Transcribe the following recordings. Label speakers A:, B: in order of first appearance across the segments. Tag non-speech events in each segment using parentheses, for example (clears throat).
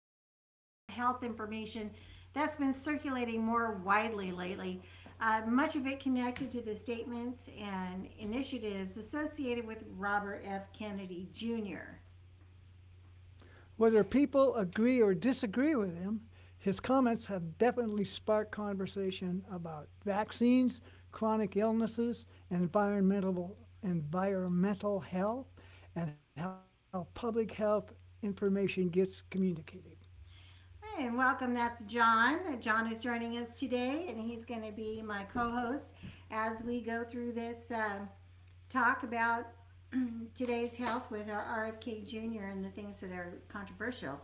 A: talking about health information that's been circulating more widely lately. Much of it connected to the statements and initiatives associated with Robert F. Kennedy Jr. Hey, and welcome. That's John. John is joining us today, and he's going to be my co host as we go through this, talk about (clears throat) today's health with our RFK Jr. and the things that are controversial.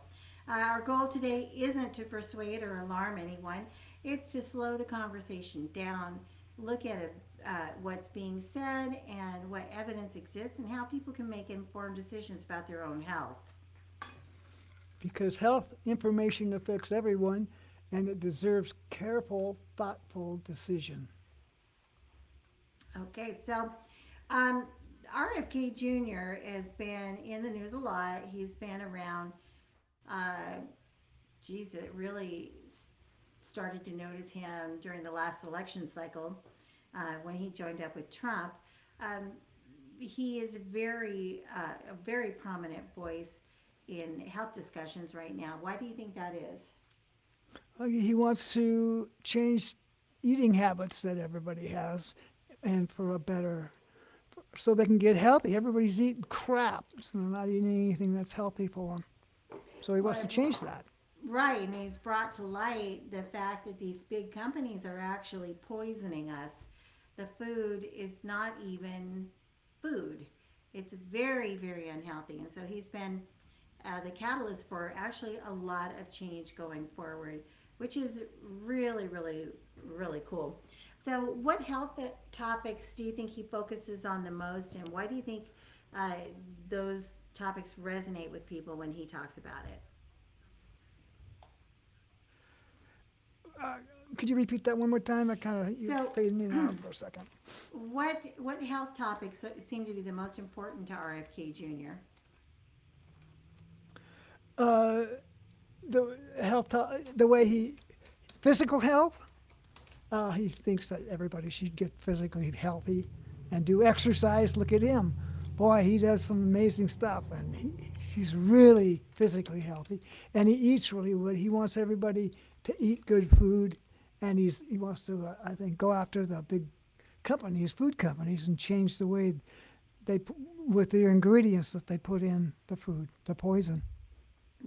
A: Our goal today isn't to persuade or alarm anyone, it's to slow the conversation down, look at it, what's being said and what evidence exists, and how people can make informed decisions about their own health. Okay, so um, RFK Jr. has been in the news a lot. He's been around. Uh, Geez, it really started to notice him during the last election cycle when he joined up with Trump. Um, he is very, a very prominent voice in health discussions right now. Why do you think that is? Well, right, and he's brought to light the fact that these big companies are actually poisoning us. The food is not even food, it's very, very unhealthy. And so he's been the catalyst for actually a lot of change going forward, which is really, really, really cool. So, what health topics do you think he focuses on the most, and why do you think uh, those topics resonate with people when he talks about it? So, what health topics seem to be the most important to RFK Jr.?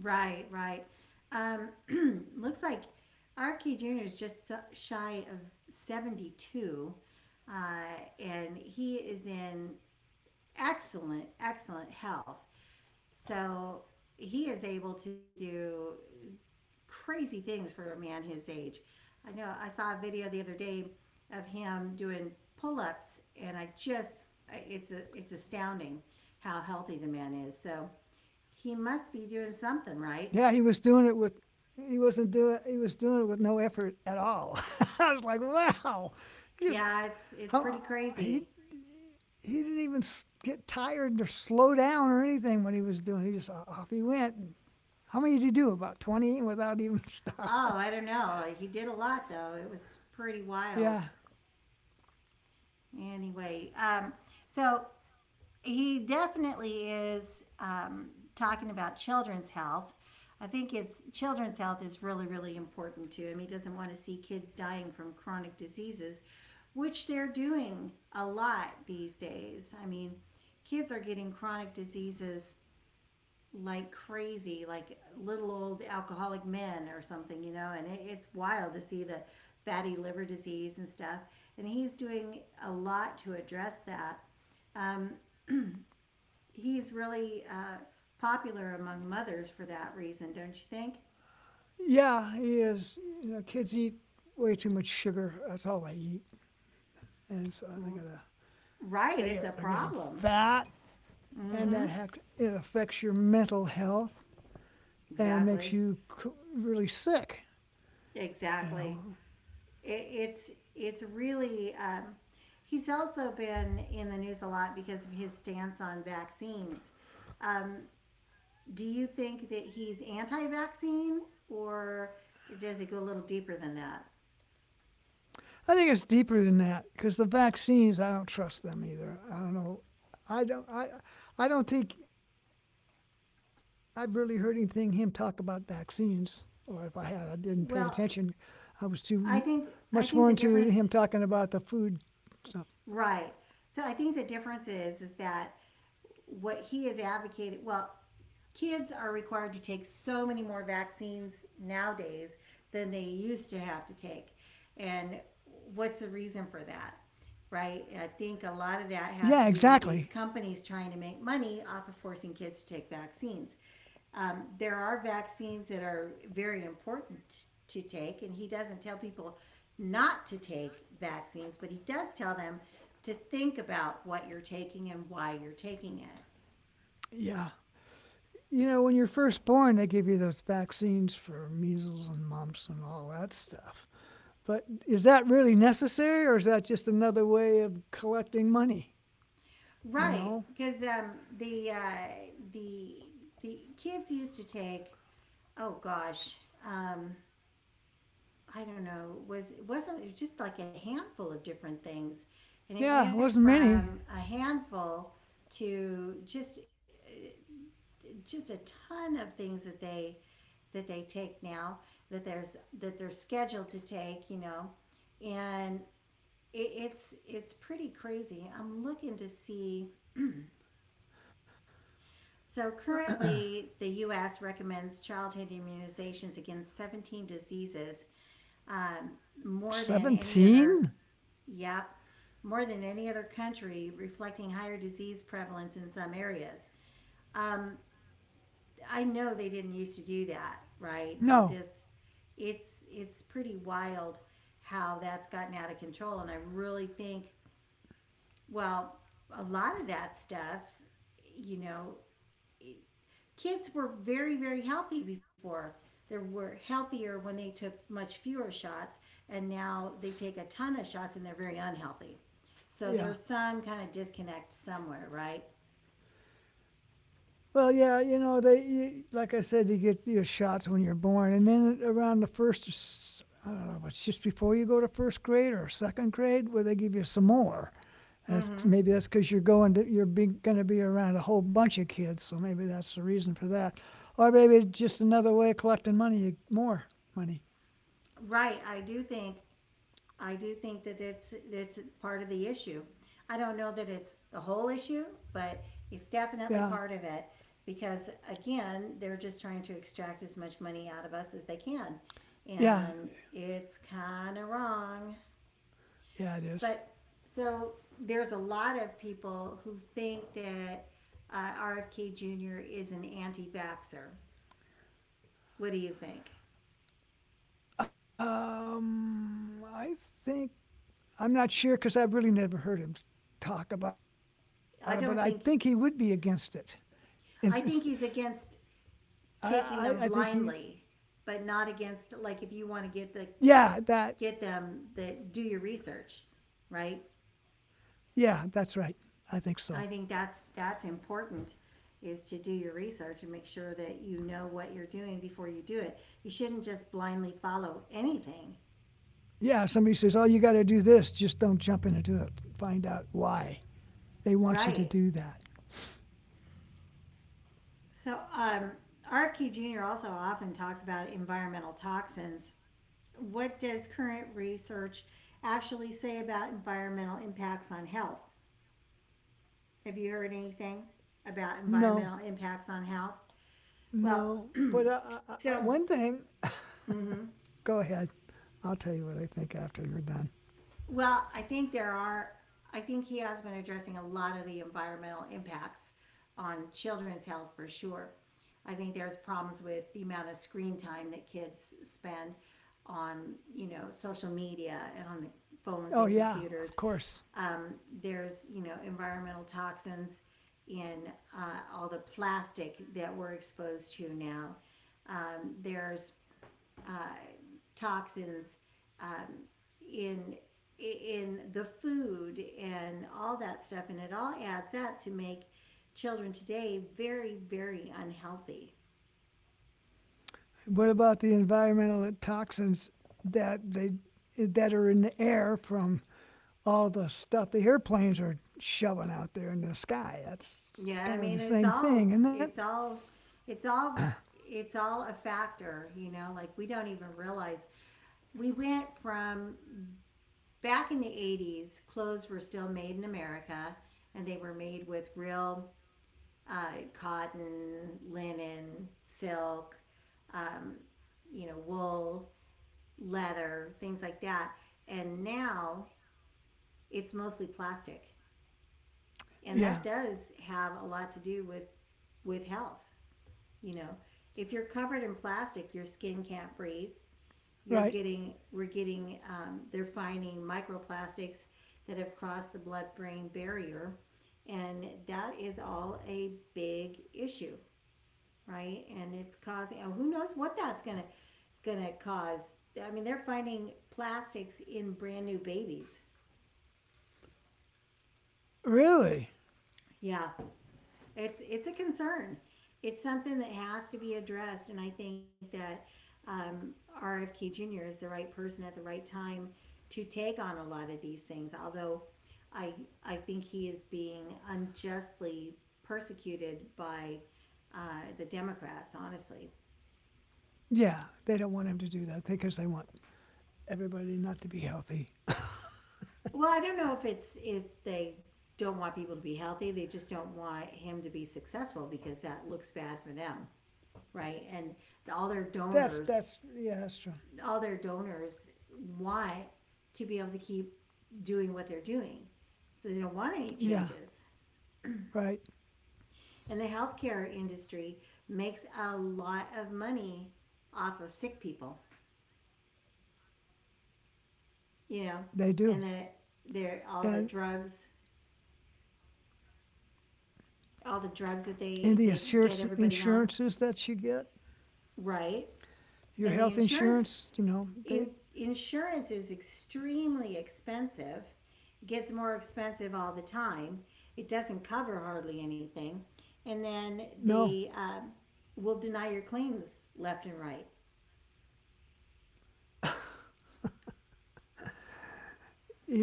A: Right, right. Um, (clears throat) looks like RFK Jr. is just shy of 72, uh, and he is in excellent, excellent health. So he is able to do crazy things for a man his age. I know I saw a video the other day of him doing pull-ups, and I just it's astounding how healthy the man is. So he must be doing something right. Yeah, it's pretty crazy. Oh, I don't know. He did a lot though. It was pretty wild. Anyway, so he definitely is talking about children's health. I think his children's health is really, really important to him. He doesn't want to see kids dying from chronic diseases, which they're doing a lot these days. I mean, kids are getting chronic diseases like crazy, like little old alcoholic men or something, you know, and it's wild to see the fatty liver disease and stuff. And he's doing a lot to address that. Um, he's really popular among mothers for that reason, don't you think? Right, it's a problem. Mm-hmm. Exactly. Exactly. It's really. He's also been in the news a lot because of his stance on vaccines. Um, do you think that he's anti-vaccine, or does it go a little deeper than that? Well, I think the difference. Right. So I think the difference is that what he is advocating, well, kids are required to take so many more vaccines nowadays than they used to have to take. And what's the reason for that? Right? I think a lot of that has to do with these companies trying to make money off of forcing kids to take vaccines. There are vaccines that are very important to take, and he doesn't tell people not to take vaccines, but he does tell them to think about what you're taking and why you're taking it. Right, because the kids used to take, oh gosh, um, I don't know, was it wasn't it was just like a handful of different things, and it went from a handful to just a ton of things that they take now that they're scheduled to take, you know. And it's pretty crazy. I'm looking to see. So currently the US recommends childhood immunizations against 17 diseases, um, more than any other. Yep, more than any other country, reflecting higher disease prevalence in some areas. I know they didn't used to do that, right? They just it's pretty wild how that's gotten out of control. And I really think, well, a lot of that stuff, you know, kids were very, very healthy before. They were healthier when they took much fewer shots, and now they take a ton of shots and they're very unhealthy. So there's some kind of disconnect somewhere, right? Right, I do think that it's part of the issue. I don't know that it's the whole issue, but it's definitely part of it, because again, they're just trying to extract as much money out of us as they can. And it's kind of wrong. But so there's a lot of people who think that RFK Jr. is an anti vaxxer. What do you think? I don't think, I think he's against taking them blindly, but not against, like, if you want to get the get them the do your research, right? I think that's important is to do your research and make sure that you know what you're doing before you do it. You shouldn't just blindly follow anything, right? So RFK Jr. also often talks about environmental toxins. What does current research actually say about environmental impacts on health? Have you heard anything about environmental impacts on health? Well, so Well, I think he has been addressing a lot of the environmental impacts on children's health for sure. I think there's problems with the amount of screen time that kids spend on, you know, social media and on the phones and computers. Um, there's, you know, environmental toxins in all the plastic that we're exposed to now. There's toxins um, in in the food and all that stuff, and it all adds up to make children today very, very unhealthy. Yeah, I mean it's all it's all a factor, you know, like we don't even realize. We went from back in the 80s, clothes were still made in America and they were made with real cotton, linen, silk, you know, wool, leather, things like that. And now it's mostly plastic. And that does have a lot to do with health, you know. If you're covered in plastic, your skin can't breathe. You're getting we're getting they're finding microplastics that have crossed the blood brain barrier, and that is all a big issue. Right? And it's causing, oh, who knows what that's gonna cause. I mean, they're finding plastics in brand new babies. Yeah, it's a concern. It's something that has to be addressed, and I think that um, RFK Jr. is the right person at the right time to take on a lot of these things. Although I I think he is being unjustly persecuted by the Democrats, honestly. Well, I don't know if it's, if they don't want people to be healthy, they just don't want him to be successful because that looks bad for them, right? And all their donors, all their donors want to be able to keep doing what they're doing. So they don't want any changes. And the healthcare industry makes a lot of money off of sick people, you know, and that they're all the drugs that they get everybody on, right? And the insurance, insurance is extremely expensive. It gets more expensive all the time. It doesn't cover hardly anything, and then they will deny your claims left and right,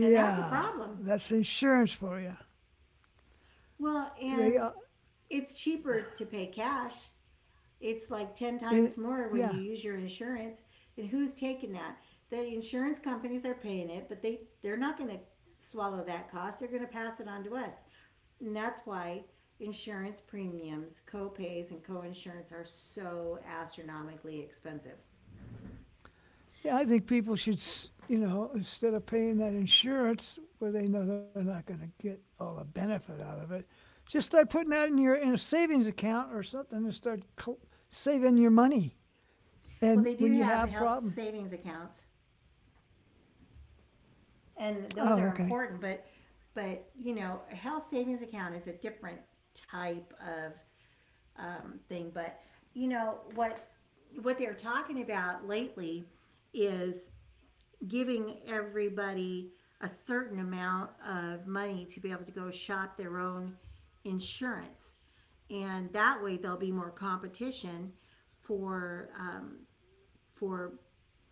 A: and that's a problem. Well, and it's cheaper to pay cash. It's like 10 times more when you use your insurance. And who's taking that? The insurance companies are paying it, but they're not going to swallow that cost. They're going to pass it on to us. And that's why insurance premiums, co-pays, and co-insurance are so astronomically expensive. Well, they do have health savings accounts, and those are important. But you know, a health savings account is a different type of thing. But you know what they're talking about lately is giving everybody a certain amount of money to be able to go shop their own insurance, and that way there'll be more competition for for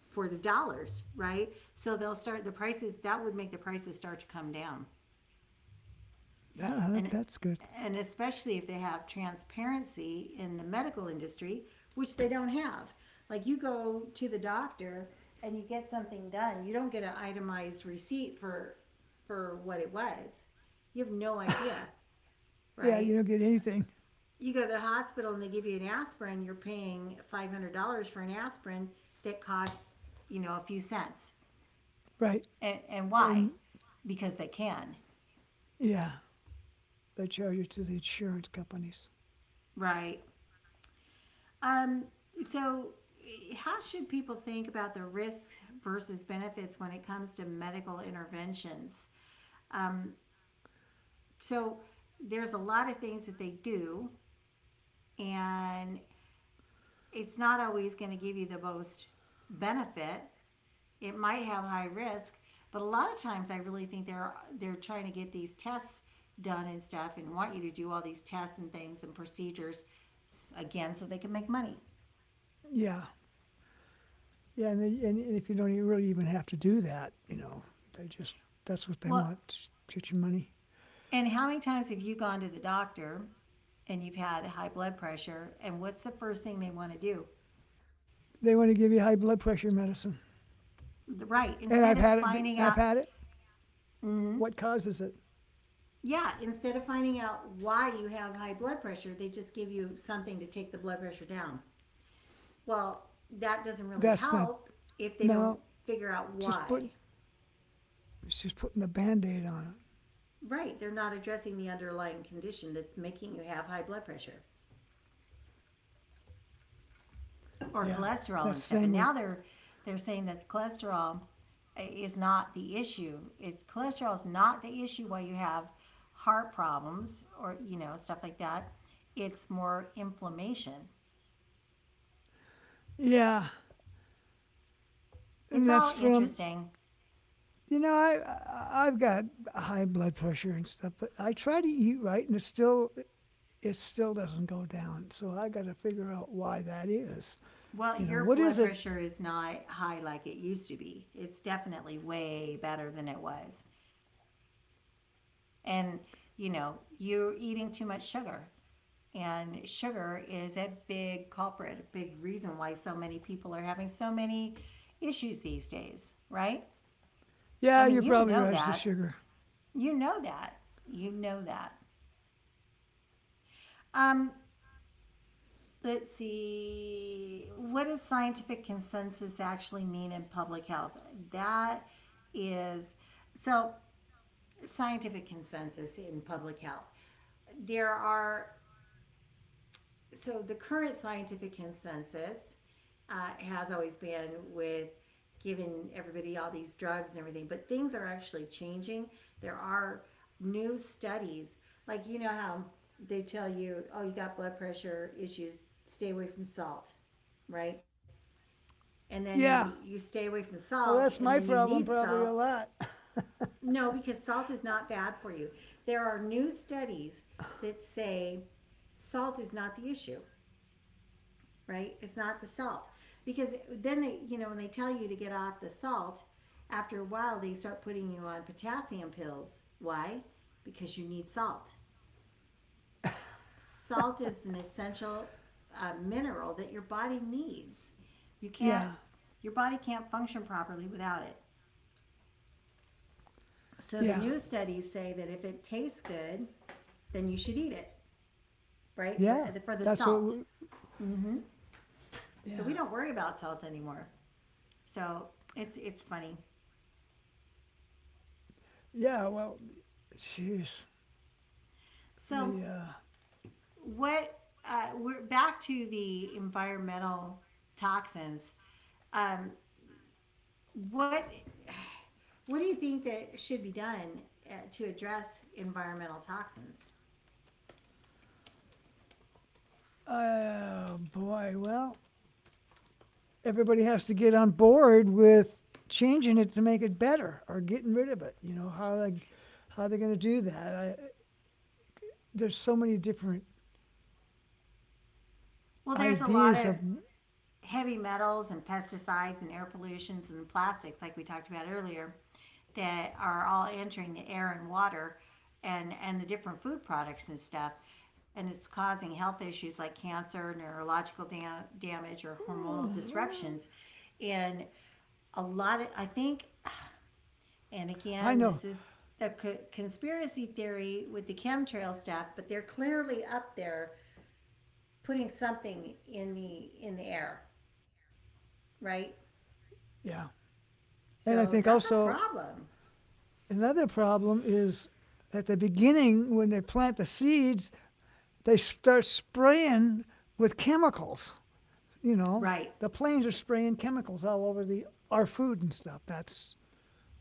A: for the dollars, right? So they'll start the prices. That would make the prices start to come down. and and especially if they have transparency in the medical industry, which they don't have. Like you go to the doctor and you get something done, you don't get an itemized receipt for what it was. You have no idea, right? You go to the hospital and they give you an aspirin, you're paying $500 for an aspirin that costs, you know, a few cents. And why? Because they can, right? Um, so, how should people think about the risks versus benefits when it comes to medical interventions? Um, so, there's a lot of things that they do, and it's not always going to give you the most benefit. It might have high risk, but a lot of times I really think they're trying to get these tests done and stuff, and want you to do all these tests and things and procedures again so they can make money. Well, and how many times have you gone to the doctor and you've had high blood pressure? And what's the first thing they want to do? Right. Instead of finding out, yeah, instead of finding out why you have high blood pressure, they just give you something to take the blood pressure down. Well, that doesn't really help if they don't figure out why. Right. They're not addressing the underlying condition that's making you have high blood pressure, or cholesterol and stuff. And now they're saying that cholesterol is not the issue. It, cholesterol is not the issue why you have heart problems or you know stuff like that. It's more inflammation. It's all interesting. Well, your blood pressure is not high like it used to be. It's definitely way better than it was. And you know, you're eating too much sugar. And sugar is a big culprit, a big reason why so many people are having so many issues these days, right? I mean, you know that. You know that. You know that. Um, let's see. What does scientific consensus actually mean in public health? That is, so scientific consensus in public health. There are, so the current scientific consensus has always been with giving everybody all these drugs and everything, but things are actually changing. There are new studies, like you know how they tell you, oh, you got blood pressure issues, stay away from salt, right? And then you stay away from salt, and then you need salt. No, because salt is not bad for you. There are new studies that say salt is not the issue. Right? It's not the salt. Because then they, you know, when they tell you to get off the salt, after a while they start putting you on potassium pills. Why? Because you need salt. Salt is an essential mineral that your body needs. You can't, your body can't function properly without it. So the new studies say that if it tastes good, then you should eat it, right? For the salt. So we don't worry about salt anymore. So it's funny. So what, we're back to the environmental toxins. Um, what what do you think that should be done to address environmental toxins? Well, there's a lot of heavy metals and pesticides and air pollutions and plastics, like we talked about earlier, that are all entering the air and water and the different food products and stuff. And it's causing health issues like cancer, neurological damage, or hormonal disruptions. And a lot of, I think, and again, this is the conspiracy theory with the chemtrail stuff, but they're clearly up there putting something in the air, right? So that's a problem. Right.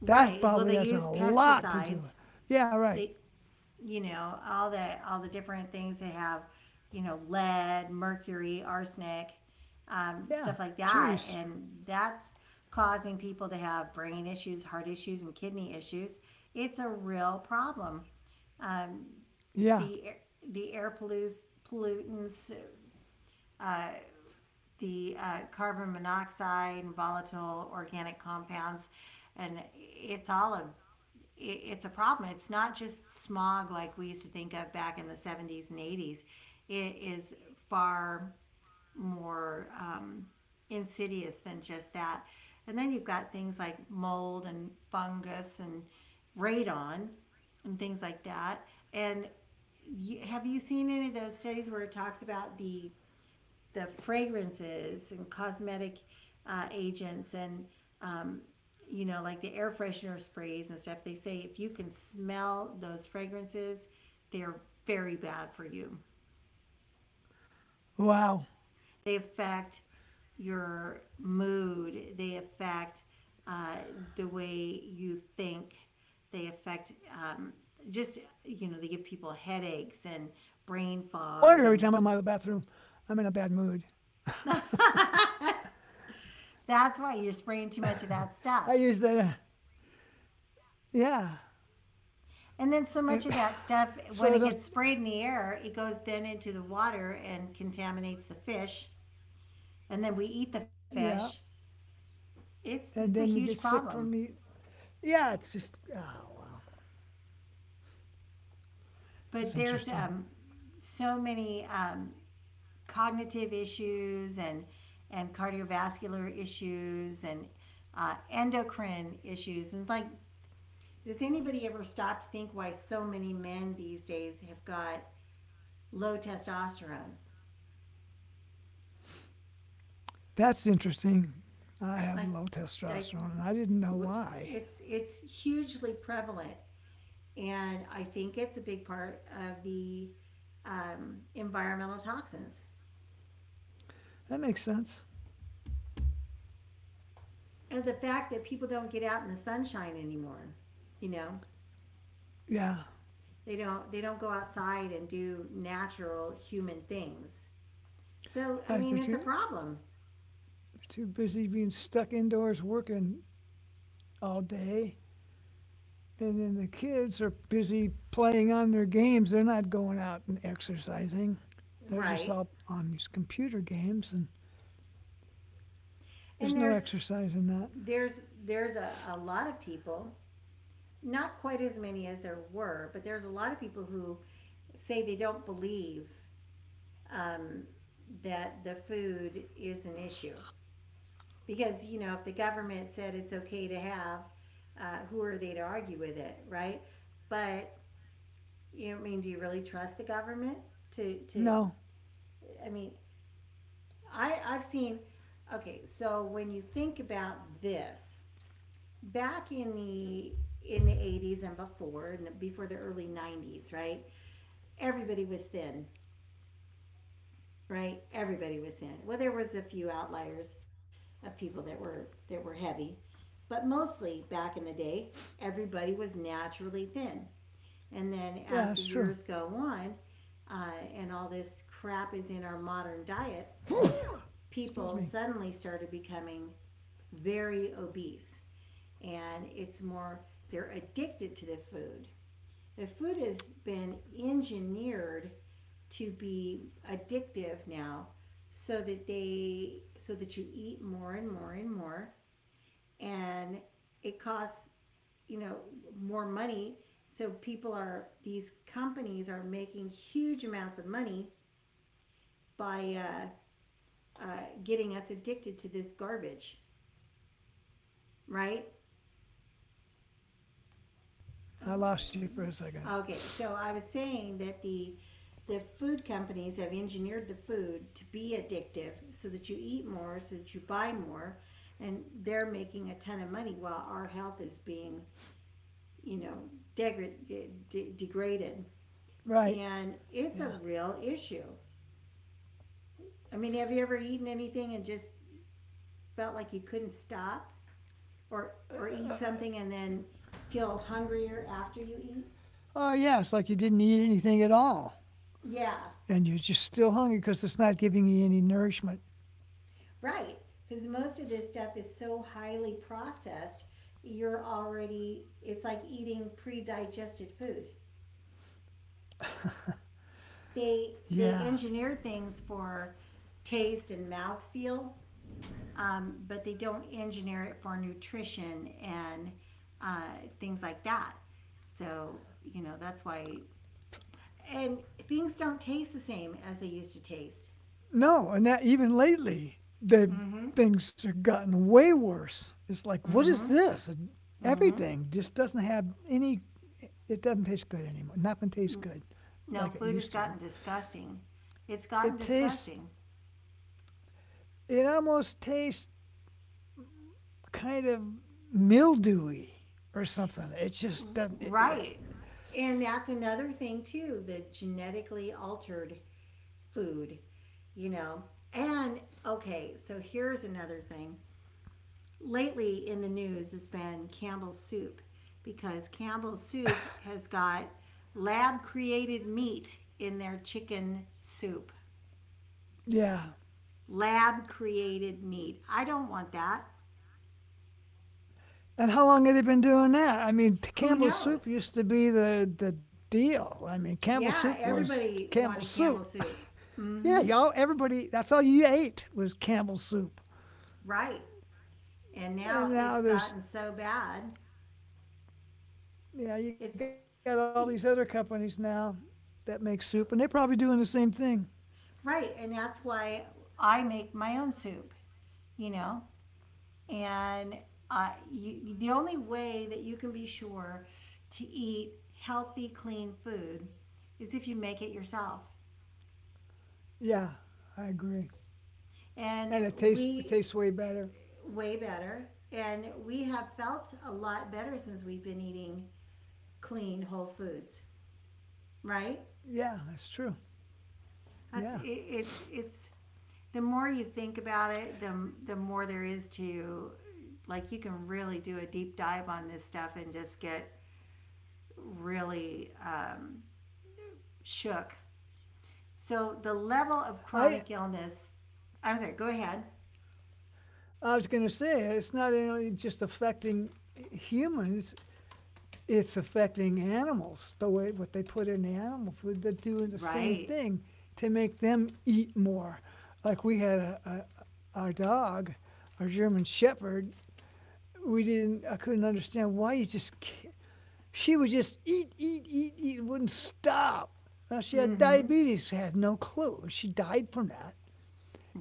A: Right. Well, they use pesticides. They, you know, all the different things they have, you know, lead, mercury, arsenic, stuff like that, and that's causing people to have brain issues, heart issues, and kidney issues. It's a real problem. The the air pollutants, the carbon monoxide and volatile organic compounds, and it's a problem. It's not just smog like we used to think of back in the 70s and 80s. It is far more insidious than just that. And then you've got things like mold and fungus and radon and things like that. And y have you seen any of those studies where it talks about the fragrances and cosmetic agents and um, you know, like the air freshener sprays and stuff? They say if you can smell those fragrances, they're very bad for you. They affect your mood, they affect uh, the way you think, they affect, um, just you know, they give people headaches and brain fog, and that's why you're spraying too much of that stuff. And then so much of that stuff, when it gets sprayed in the air, it goes then into the water and contaminates the fish. And then we eat the fish. It's a huge problem. But there's so many cognitive issues and cardiovascular issues and endocrine issues. And like, does anybody ever stop to think why so many men these days have got low testosterone? Like, I it's hugely prevalent, and I think it's a big part of the environmental toxins and the fact that people don't get out in the sunshine anymore. You know, they don't go outside and do natural human things. So I mean, it's a problem, right? And there's a lot of people, not quite as many as there were, but there's a lot of people who say they don't believe that the food is an issue. Because, you know, if the government said it's okay to have, who are they to argue with it, right? But, you know, I mean, do you really trust the government to I mean, I've seen, okay, so when you think about this, back in the 80s, and before the early 90s, right, everybody was thin, right, everybody was thin. Well, there was a few outliers of people that were heavy. But mostly back in the day, everybody was naturally thin. And then as the years go on, uh, and all this crap is in our modern diet, people suddenly started becoming very obese. And it's more, they're addicted to the food. The food has been engineered to be addictive now so that you eat more and more and more, and it costs, you know, more money. So people are these companies are making huge amounts of money by uh, getting us addicted to this garbage, right?
B: Yeah, I'm back. I lost you for a
A: Oh,
B: second.
A: okay, so I was saying that the food companies have engineered the food to be addictive so that you eat more, so that you buy more, and they're making a ton of money while our health is being, you know, degra- degraded.
B: Right.
A: And it's a
B: Yeah.
A: real issue. I mean, have you ever eaten anything and just felt like you couldn't stop, or eat something and then feel hungrier after you eat?
B: Oh, yeah, it's like you didn't eat anything at all.
A: Yeah,
B: And you're just still hungry because it's not giving you any nourishment.
A: right. Because most of this stuff is so highly processed, you're already it's like eating pre-digested food. They
B: Yeah.
A: engineer things for taste and mouthfeel, but they don't engineer it for nutrition and things like that. So you know that's why. And things don't taste the same as they used to taste.
B: No, and that even lately, they've, things have gotten way worse. It's like, what is this? Everything just doesn't have any, it doesn't taste good anymore. Nothing tastes good
A: No,
B: like it
A: food has
B: used
A: gotten
B: to.
A: disgusting. It's gotten
B: It tastes,
A: disgusting.
B: it almost tastes kind of mildewy or something. It just doesn't. It.
A: Right. And that's another thing, too, the genetically altered food, you know. And okay, so here's another thing. Lately in the news has been Campbell's soup, because Campbell's soup has got lab created meat in their chicken soup.
B: Yeah.
A: Lab created meat. I don't want that.
B: And how long have they been doing that? I mean,
A: Who
B: Campbell's soup
A: knows?
B: used to be the deal. I mean, Campbell's soup
A: Yeah,
B: was
A: everybody
B: Campbell's
A: wanted
B: soup.
A: Campbell
B: (laughs)
A: soup.
B: Yeah,
A: Mm-hmm.
B: y'all, everybody. That's all you ate was Campbell's soup.
A: Right. And
B: And
A: now it's
B: now there's,
A: gotten so bad.
B: yeah, you got
A: It's
B: all these other companies now that make soup, and they're probably doing the same thing.
A: right, and that's why I make my own soup. You know, and the only way that you can be sure to eat healthy, clean food is if you make it yourself.
B: Yeah, I agree. And
A: And
B: it tastes, it
A: we,
B: tastes way better.
A: way better, and we have felt a lot better since we've been eating clean whole foods.
B: Yeah,
A: Right?
B: that's true. Yeah.
A: That's it, it's the more you think about it, the more there is to, like you can really do a deep dive on this stuff and just get really shook. So the level of
B: I
A: chronic illness, I'm sorry, go ahead.
B: I was going to say it's not only just affecting humans; it's affecting animals. The way what they put in the animal food, they're doing the same
A: Right.
B: thing to make them eat more. Like we had a our dog, our German Shepherd. We didn't. I couldn't understand why you just. She would just eat, eat, eat, eat. Wouldn't stop. She had
A: Mm-hmm.
B: diabetes. Had no clue. She died from that.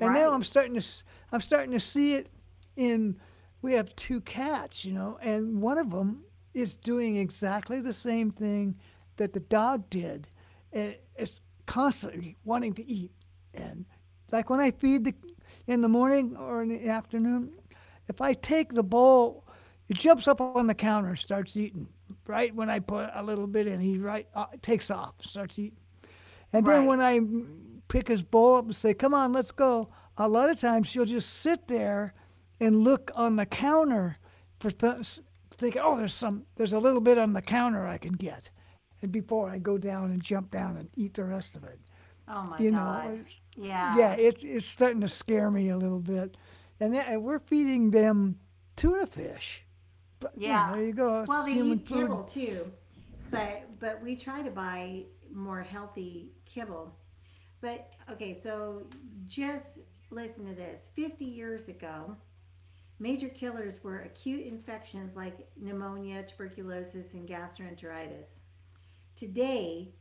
B: And now I'm starting to I'm starting to see it in we have two cats, you know, and one of them is doing exactly the same thing that the dog did. It's constantly wanting to eat. And like when I feed the in the morning or in the afternoon, if I take the bowl, it jumps up on the counter, and starts eating. Right when I put a little bit in, he right takes off, starts eating. And then
A: Right.
B: when I pick his bowl up and say, come on, let's go, a lot of times she'll just sit there and look on the counter for thinking, oh, there's some, there's a little bit on the counter I can get. And before I go down and jump down and eat the rest of it,
A: Oh my
B: you
A: God.
B: know, it's, yeah,
A: Yeah.
B: it's starting to scare me a little bit. And, that, and we're feeding them tuna fish. But, you know,
A: Yeah.
B: there you go.
A: Well, they
B: It's human
A: eat kibble
B: food.
A: too, but we try to buy more healthy kibble. But okay, so just listen to this. 50 years ago, major killers were acute infections like pneumonia, tuberculosis, and gastroenteritis. Today,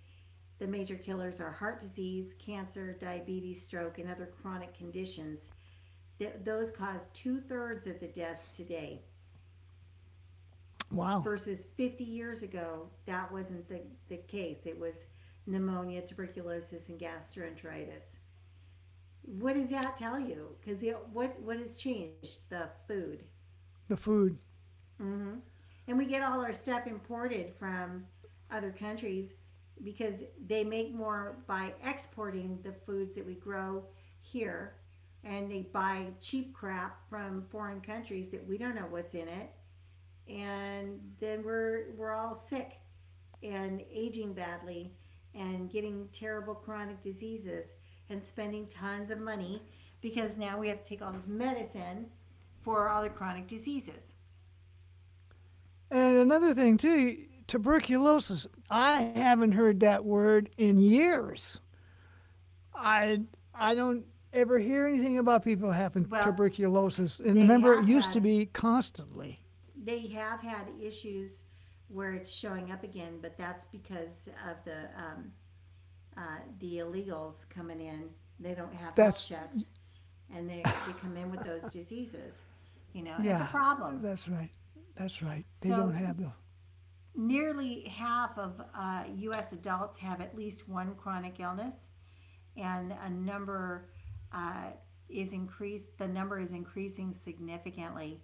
A: the major killers are heart disease, cancer, diabetes, stroke, and other chronic conditions. Those cause two-thirds of the deaths today
B: Wow,
A: versus 50 years ago. That wasn't the case. It was pneumonia, tuberculosis, and gastroenteritis. What does that tell you? Because what has changed? The food,
B: the food.
A: and we get all our stuff imported from other countries because they make more by exporting the foods that we grow here, and they buy cheap crap from foreign countries that we don't know what's in it, and then we're all sick and aging badly and getting terrible chronic diseases and spending tons of money because now we have to take all this medicine for all the chronic diseases.
B: And another thing, too, tuberculosis. I haven't heard that word in years. I I don't ever hear anything about people having
A: Well,
B: tuberculosis. And
A: they
B: remember, it
A: have
B: used to
A: had
B: be constantly.
A: they have had issues where it's showing up again, but that's because of the illegals coming in. They don't have health
B: That's
A: checks, and they come in with those diseases. You know, it's a
B: yeah,
A: problem.
B: that's right. That's right. They don't
A: So
B: have the.
A: nearly half of U.S. adults have at least one chronic illness, and a number uh, is increased. The number is increasing significantly.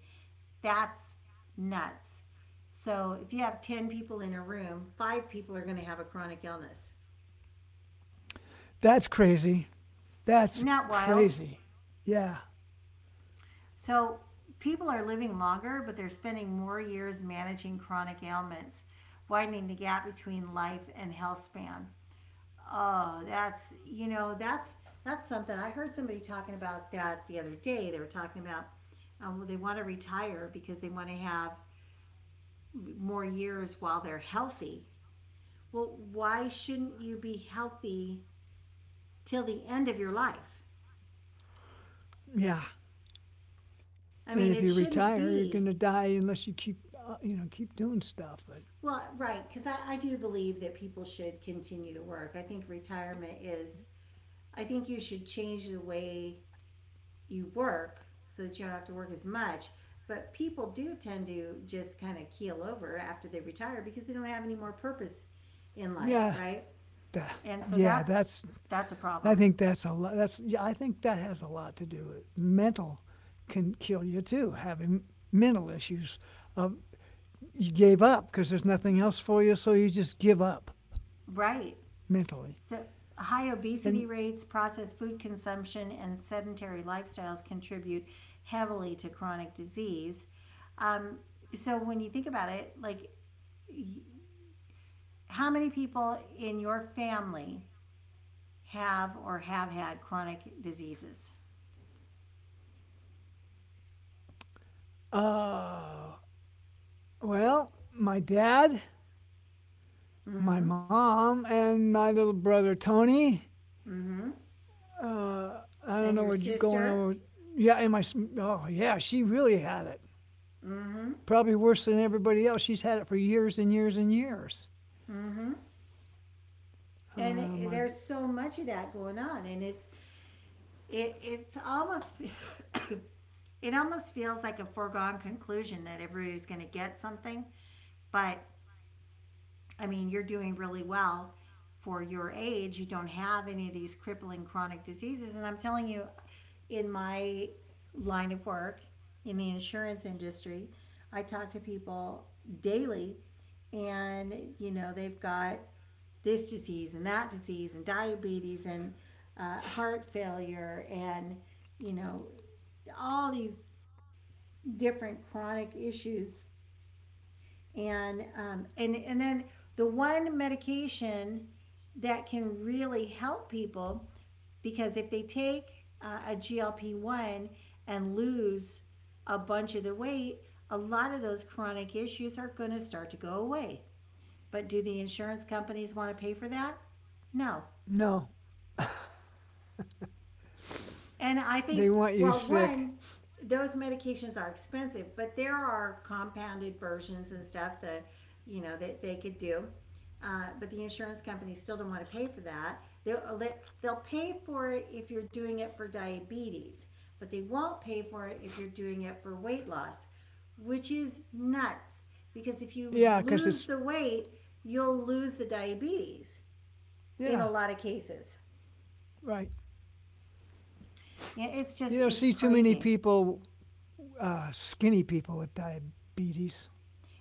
A: That's nuts. So if you have 10 people in a room, 5 people are going to have a chronic illness.
B: That's crazy. That's
A: Isn't that wild?
B: crazy. Yeah,
A: So people are living longer, but they're spending more years managing chronic ailments, widening the gap between life and health span. Oh, that's you know that's something I heard somebody talking about that the other day. They were talking about well, they want to retire because they want to have more years while they're healthy. Well, why shouldn't you be healthy till the end of your life?
B: yeah.
A: I mean,
B: And
A: it
B: if you
A: shouldn't
B: retire, you're
A: be.
B: gonna die unless you keep, you know, keep doing stuff. But
A: Well, right, because I do believe that people should continue to work. I think I think you should change the way you work so that you don't have to work as much. But people do tend to just kind of keel over after they retire because they don't have any more purpose in life,
B: yeah,
A: right?
B: that,
A: And so
B: yeah. That's,
A: that's a
B: I
A: problem.
B: think that's a lot. That's yeah. I think that has a lot to do with it. Mental can kill you too. Having mental issues, of you gave up because there's nothing else for you, so you just give up
A: Right.
B: mentally.
A: So high
B: And
A: obesity rates, processed food consumption, and sedentary lifestyles contribute heavily to chronic disease. Um, so when you think about it, like how many people in your family have or have had chronic diseases?
B: uh, well, my dad, my mom, and my little brother Tony.
A: Mm-hmm.
B: I
A: And
B: don't
A: your
B: know what's going
A: sister.
B: on. With, yeah, and my oh yeah, she really had it.
A: Mm-hmm.
B: Probably worse than everybody else. She's had it for years and years and years.
A: And
B: Uh, my
A: there's so much of that going on, and it's almost (coughs) it almost feels like a foregone conclusion that everybody's going to get something. But I mean, you're doing really well for your age. You don't have any of these crippling chronic diseases, and I'm telling you, in my line of work in the insurance industry, I talk to people daily, and you know they've got this disease and that disease and diabetes and heart failure and you know all these different chronic issues, and then the one medication that can really help people, because if they take a GLP-1 and lose a bunch of the weight, a lot of those chronic issues are going to start to go away. But do the insurance companies want to pay for that? No.
B: no.
A: And I
B: They
A: think,
B: want you
A: well,
B: sick.
A: one, those medications are expensive, but there are compounded versions and stuff that, you know, that they could do. But the insurance companies still don't want to pay for that. They'll they'll pay for it if you're doing it for diabetes, but they won't pay for it if you're doing it for weight loss, which is nuts. Because if you
B: Yeah, because
A: lose
B: it's,
A: the weight, you'll lose the diabetes in
B: yeah,
A: a lot of cases.
B: right.
A: Yeah, It's
B: You
A: just
B: don't
A: it's
B: see too many
A: crazy.
B: people, skinny people with diabetes.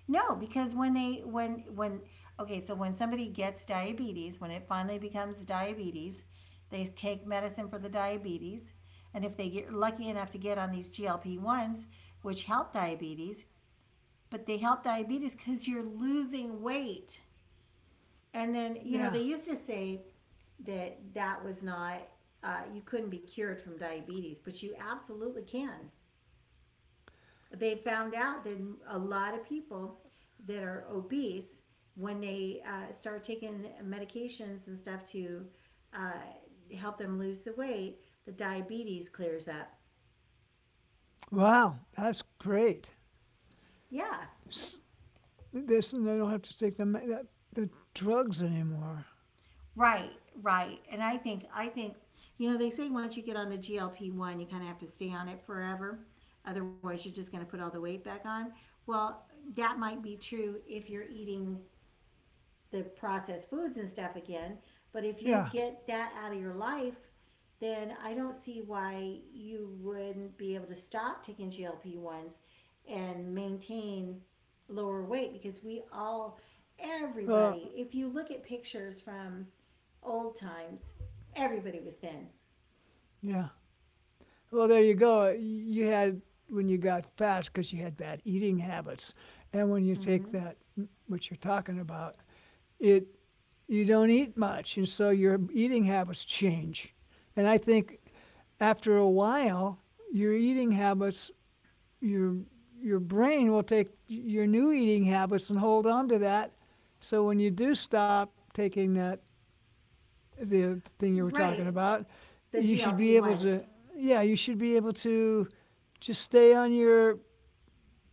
A: No, because when they when okay, so when somebody gets diabetes, when it finally becomes diabetes, they take medicine for the diabetes, and if they get lucky enough to get on these GLP-1s, which help diabetes, but they help diabetes cuz you're losing weight. And then, you
B: Yeah.
A: know, they used to say that that was not you couldn't be cured from diabetes, but you absolutely can. They found out that a lot of people that are obese, when they start taking medications and stuff to uh, help them lose the weight, the diabetes clears up.
B: Wow, that's great.
A: Yeah,
B: This, and I don't have to take the, that, the drugs anymore.
A: right, right. And I think you know they say once you get on the GLP one, you kind of have to stay on it forever. Otherwise, you're just going to put all the weight back on. Well, that might be true if you're eating the processed foods and stuff again. But if you
B: Yeah.
A: get that out of your life, then I don't see why you wouldn't be able to stop taking GLP- 1s and maintain lower weight because
B: Uh,
A: everybody, if you look at pictures from old times, everybody was thin.
B: yeah. Well, there you go. You had, when you got fat, because you had bad eating habits. And when you take
A: Mm-hmm.
B: that, what you're talking about, it you don't eat much, and so your eating habits change. And I think after a while, your eating habits, your your brain will take your new eating habits and hold on to that. So when you do stop taking that the thing you were talking
A: Right.
B: about,
A: The
B: you should
A: GLP-
B: be able
A: 1s.
B: to, yeah, you should be able to just stay on your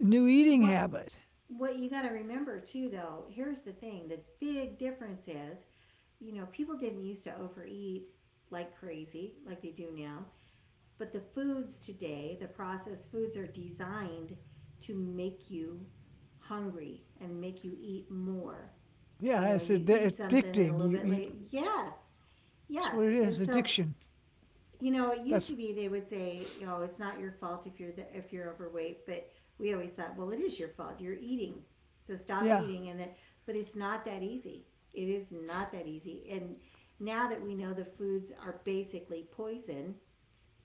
B: new eating
A: What
B: habit.
A: what you got to remember too, though, here's the thing: the big difference is, you know, people didn't used to overeat like crazy like they do now, but the foods today, the processed foods, are designed to make you hungry and make you eat more. You
B: Yeah,
A: know, you eat something and a
B: addicting.
A: little
B: You
A: bit
B: eat.
A: later,
B: That's
A: yes,
B: what it
A: and
B: is.
A: so
B: Addiction.
A: you know, it used
B: That's
A: to be they would say, "Oh, it's not your fault if if you're overweight," but we always thought, "Well, it is your fault. You're eating, so stop
B: yeah.
A: eating." But it's not that easy. It is not that easy. And now that we know the foods are basically poison,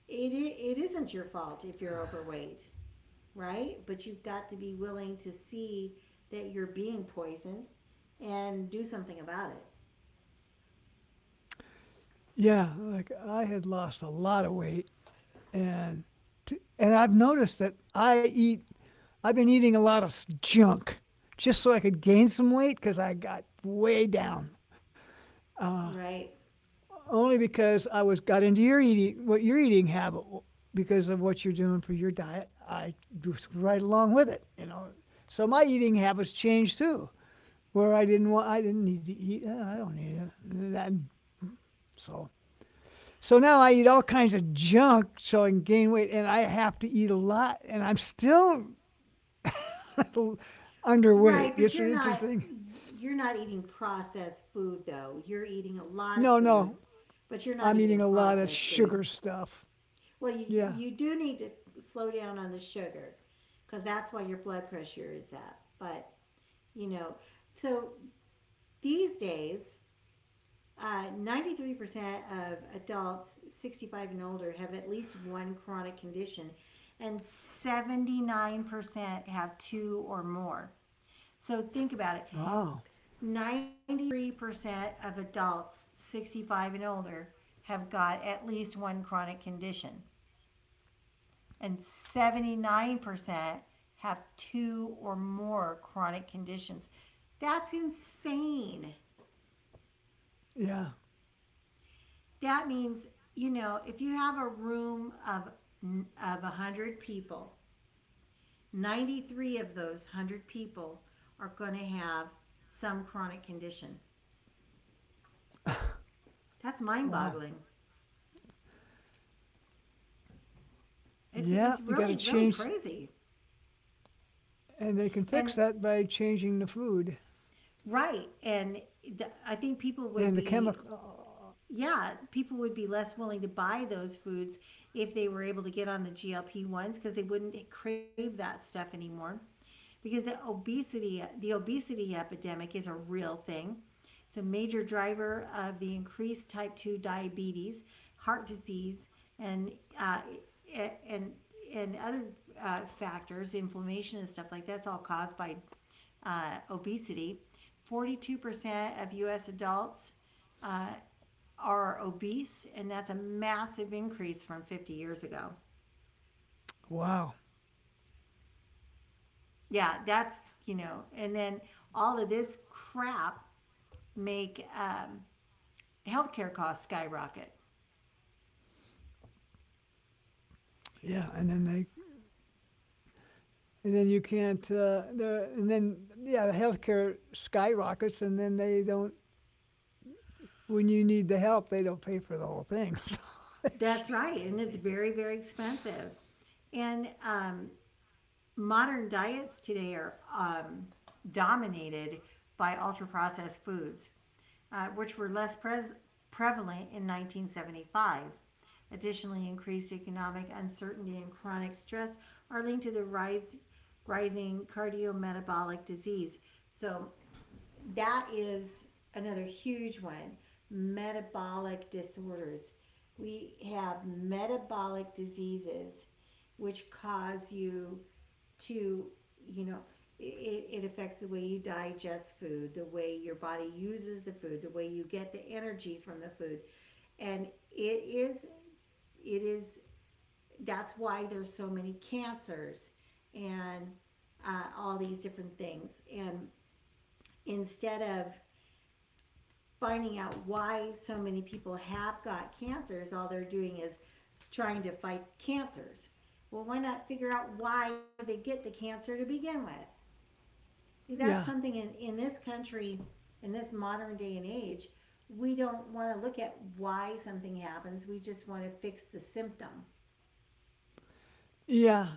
A: it it isn't your fault if you're overweight, right? But you've got to be willing to see that you're being poisoned and do something about it,
B: Yeah, like I had lost a lot of weight, and and I've noticed that I eat. I've been eating a lot of junk, just so I could gain some weight because I got way down.
A: right?
B: Only because I was got into your eating, what your eating habit, because of what you're doing for your diet. I was right along with it, you know. So my eating habits changed too, where I didn't want, I didn't need to eat. "Oh, I don't need it." And so so now I eat all kinds of junk so I can gain weight, and I have to eat a lot, and I'm still (laughs)
A: Right,
B: underweight.
A: but
B: It's interesting.
A: you're not eating processed food though. You're eating a
B: No,
A: lot of
B: no,
A: food, but
B: I'm
A: you're not
B: eating a
A: eating
B: lot of
A: processed
B: sugar
A: food.
B: stuff.
A: Well,
B: Yeah.
A: you do need to slow down on the sugar cuz that's why your blood pressure is up. But, you know, so these days, 93% of adults 65 and older have at least one chronic condition and 79% have two or more. So think about it.
B: Wow.
A: 93% of adults 65 and older have got at least one chronic condition, and 79% have two or more chronic conditions. That's insane.
B: Yeah.
A: That means, you know, if you have a room of 100 people, 93 of those 100 people are going to have some chronic condition. That's
B: Wow.
A: mind-boggling. It's
B: Yeah. You got to
A: really really
B: change,
A: crazy.
B: and they can fix
A: And
B: that by changing the food
A: right. And I
B: and
A: think
B: the
A: people
B: chemical.
A: would be, yeah, people would be less willing to buy those foods if they were able to get on the GLP- ones because they wouldn't crave that stuff anymore. Because the obesity epidemic is a real thing. It's a major driver of the increased type 2 diabetes, heart disease, and, uh, and, and other factors, inflammation and stuff like that. That's all caused by obesity. 42% of US adults are obese, and that's a massive increase from 50 years ago.
B: Wow.
A: Yeah, that's, you know, and then all of this crap make healthcare costs skyrocket.
B: Yeah. And then they. And then you can't, the, and then, yeah, the healthcare skyrockets, and then they don't when you need the help, they don't pay for the whole thing. So (laughs) it's just
A: That's right, and
B: crazy.
A: it's very, very expensive. And modern diets today are dominated by ultra processed foods, which were less pres prevalent in 1975. Additionally, increased economic uncertainty and chronic stress are linked to the rising cardiometabolic disease. So, that is another huge one, metabolic disorders. We have metabolic diseases which cause you to, you know, it affects the way you digest food, the way your body uses the food, the way you get the energy from the food. And it is, it is, that's why there's so many cancers and all these different things. And instead of finding out why so many people have got cancers, all they're doing is trying to fight cancers. Well, why not figure out why they get the cancer to begin with?
B: Yeah.
A: That's something in this country, in this modern day and age, we don't want to look at why something happens. We just want to fix the symptom.
B: Yeah.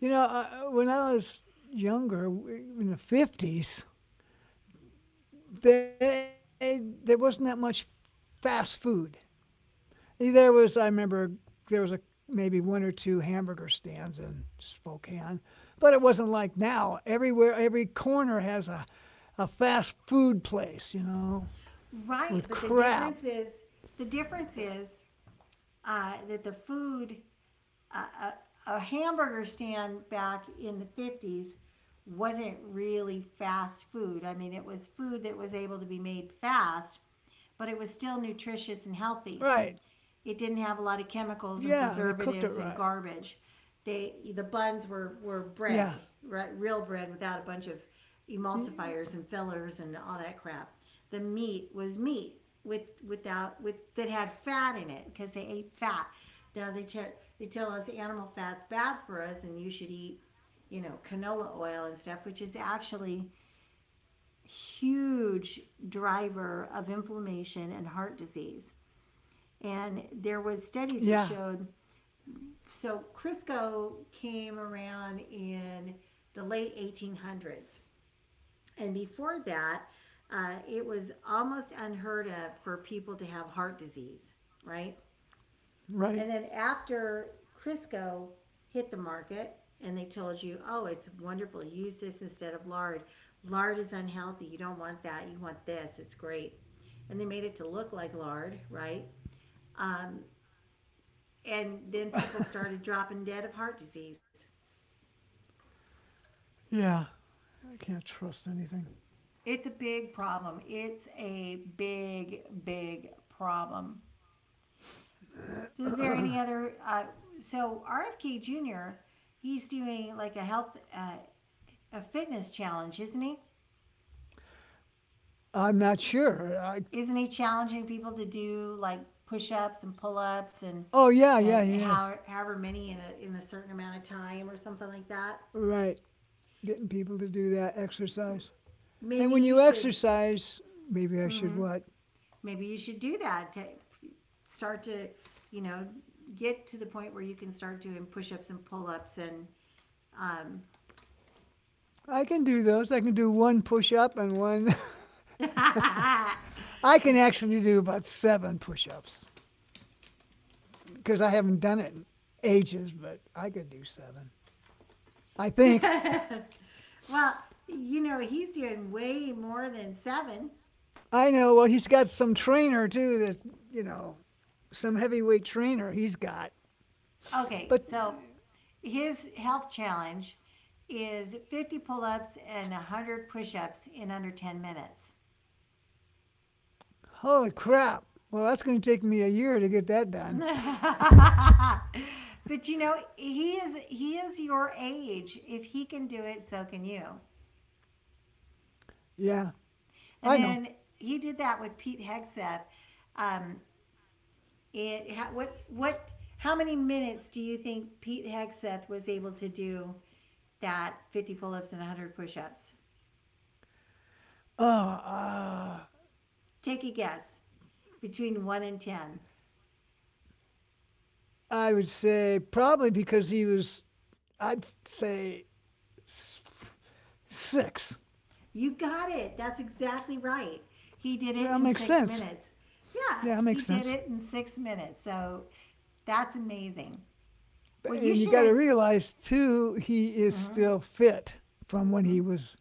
B: You know, I, when I was younger, in the 50s, they, there wasn't that much fast food. There was, I remember, there was a maybe one or two hamburger stands in Spokane, but it wasn't like now. Everywhere, every corner has a fast food place, you know, with
A: Right, but
B: crap.
A: the difference is that the food a, hamburger stand back in the 50s wasn't really fast food. I mean, it was food that was able to be made fast, but it was still
B: Right.
A: nutritious and healthy. It didn't
B: Yeah, they
A: have a
B: cooked
A: lot
B: it
A: of
B: right.
A: chemicals and preservatives and garbage.
B: Yeah.
A: The buns were bread, right? Real bread without a bunch of emulsifiers and fillers and all that crap. The meat was meat with without with that had fat in it because they ate fat. Now they tell us animal fat's bad for us and you should eat, you know, canola oil and stuff, which is actually a huge driver of inflammation and heart disease. And there
B: Yeah,
A: was studies that showed, so Crisco came around in the late 1800s. And before that, it was almost unheard of for people to have heart disease, right?
B: right.
A: And then after Crisco hit the market and they told you, oh, it's wonderful, use this instead of lard. Lard is unhealthy. You don't want that. You want this. It's great. And they made it to look like lard, right? And then people started dropping dead of heart disease.
B: Yeah, I can't trust anything.
A: It's a big problem. It's a big, big problem. So is there
B: (coughs)
A: any other? So RFK Jr. He's doing like a health, a fitness challenge, isn't he?
B: (clears throat) I'm not sure. I,
A: Isn't he challenging people to do like push-ups and pull-ups and
B: oh, yeah, yeah, he is.
A: however many in a certain amount of time or something like that?
B: Right, getting people to do that exercise. And
A: Maybe
B: when
A: you
B: you
A: should
B: exercise, maybe I should what?
A: maybe you should do that to start to you know get to the point where you can start doing push-ups and pull-ups and Um,
B: I can do those. I can do one push up and one.
A: (laughs)
B: (laughs) I can actually do about seven push ups because I haven't done it in ages, but I could do seven. I think.
A: Yeah. Well, he's doing way more than seven.
B: I know. Well, he's got some trainer too. That's, you know, some heavyweight trainer he's got.
A: Okay,
B: But
A: so his health challenge is 50 pull ups and 100 push ups in under 10 minutes.
B: holy crap. Well, that's going to take me a year to get that done.
A: (laughs) But he is your age. If he can do it, so can you.
B: Yeah,
A: And then
B: I know.
A: he did that with Pete Hegseth. Um, it how, what How many minutes do you think Pete Hegseth was able to do that 50 pull-ups and 100 push-ups?
B: Uh, uh,
A: Take a guess. Between 1 and 10.
B: I would say probably because he was, I'd say six.
A: You got it. That's exactly right. He did
B: Well,
A: it
B: that
A: in
B: makes
A: 6
B: sense.
A: minutes. Yeah,
B: Yeah, that
A: he
B: makes
A: did
B: sense.
A: it in 6 minutes. So that's amazing.
B: But-
A: Well, you
B: and you got to
A: should.
B: realize, too, he is still fit from when he was,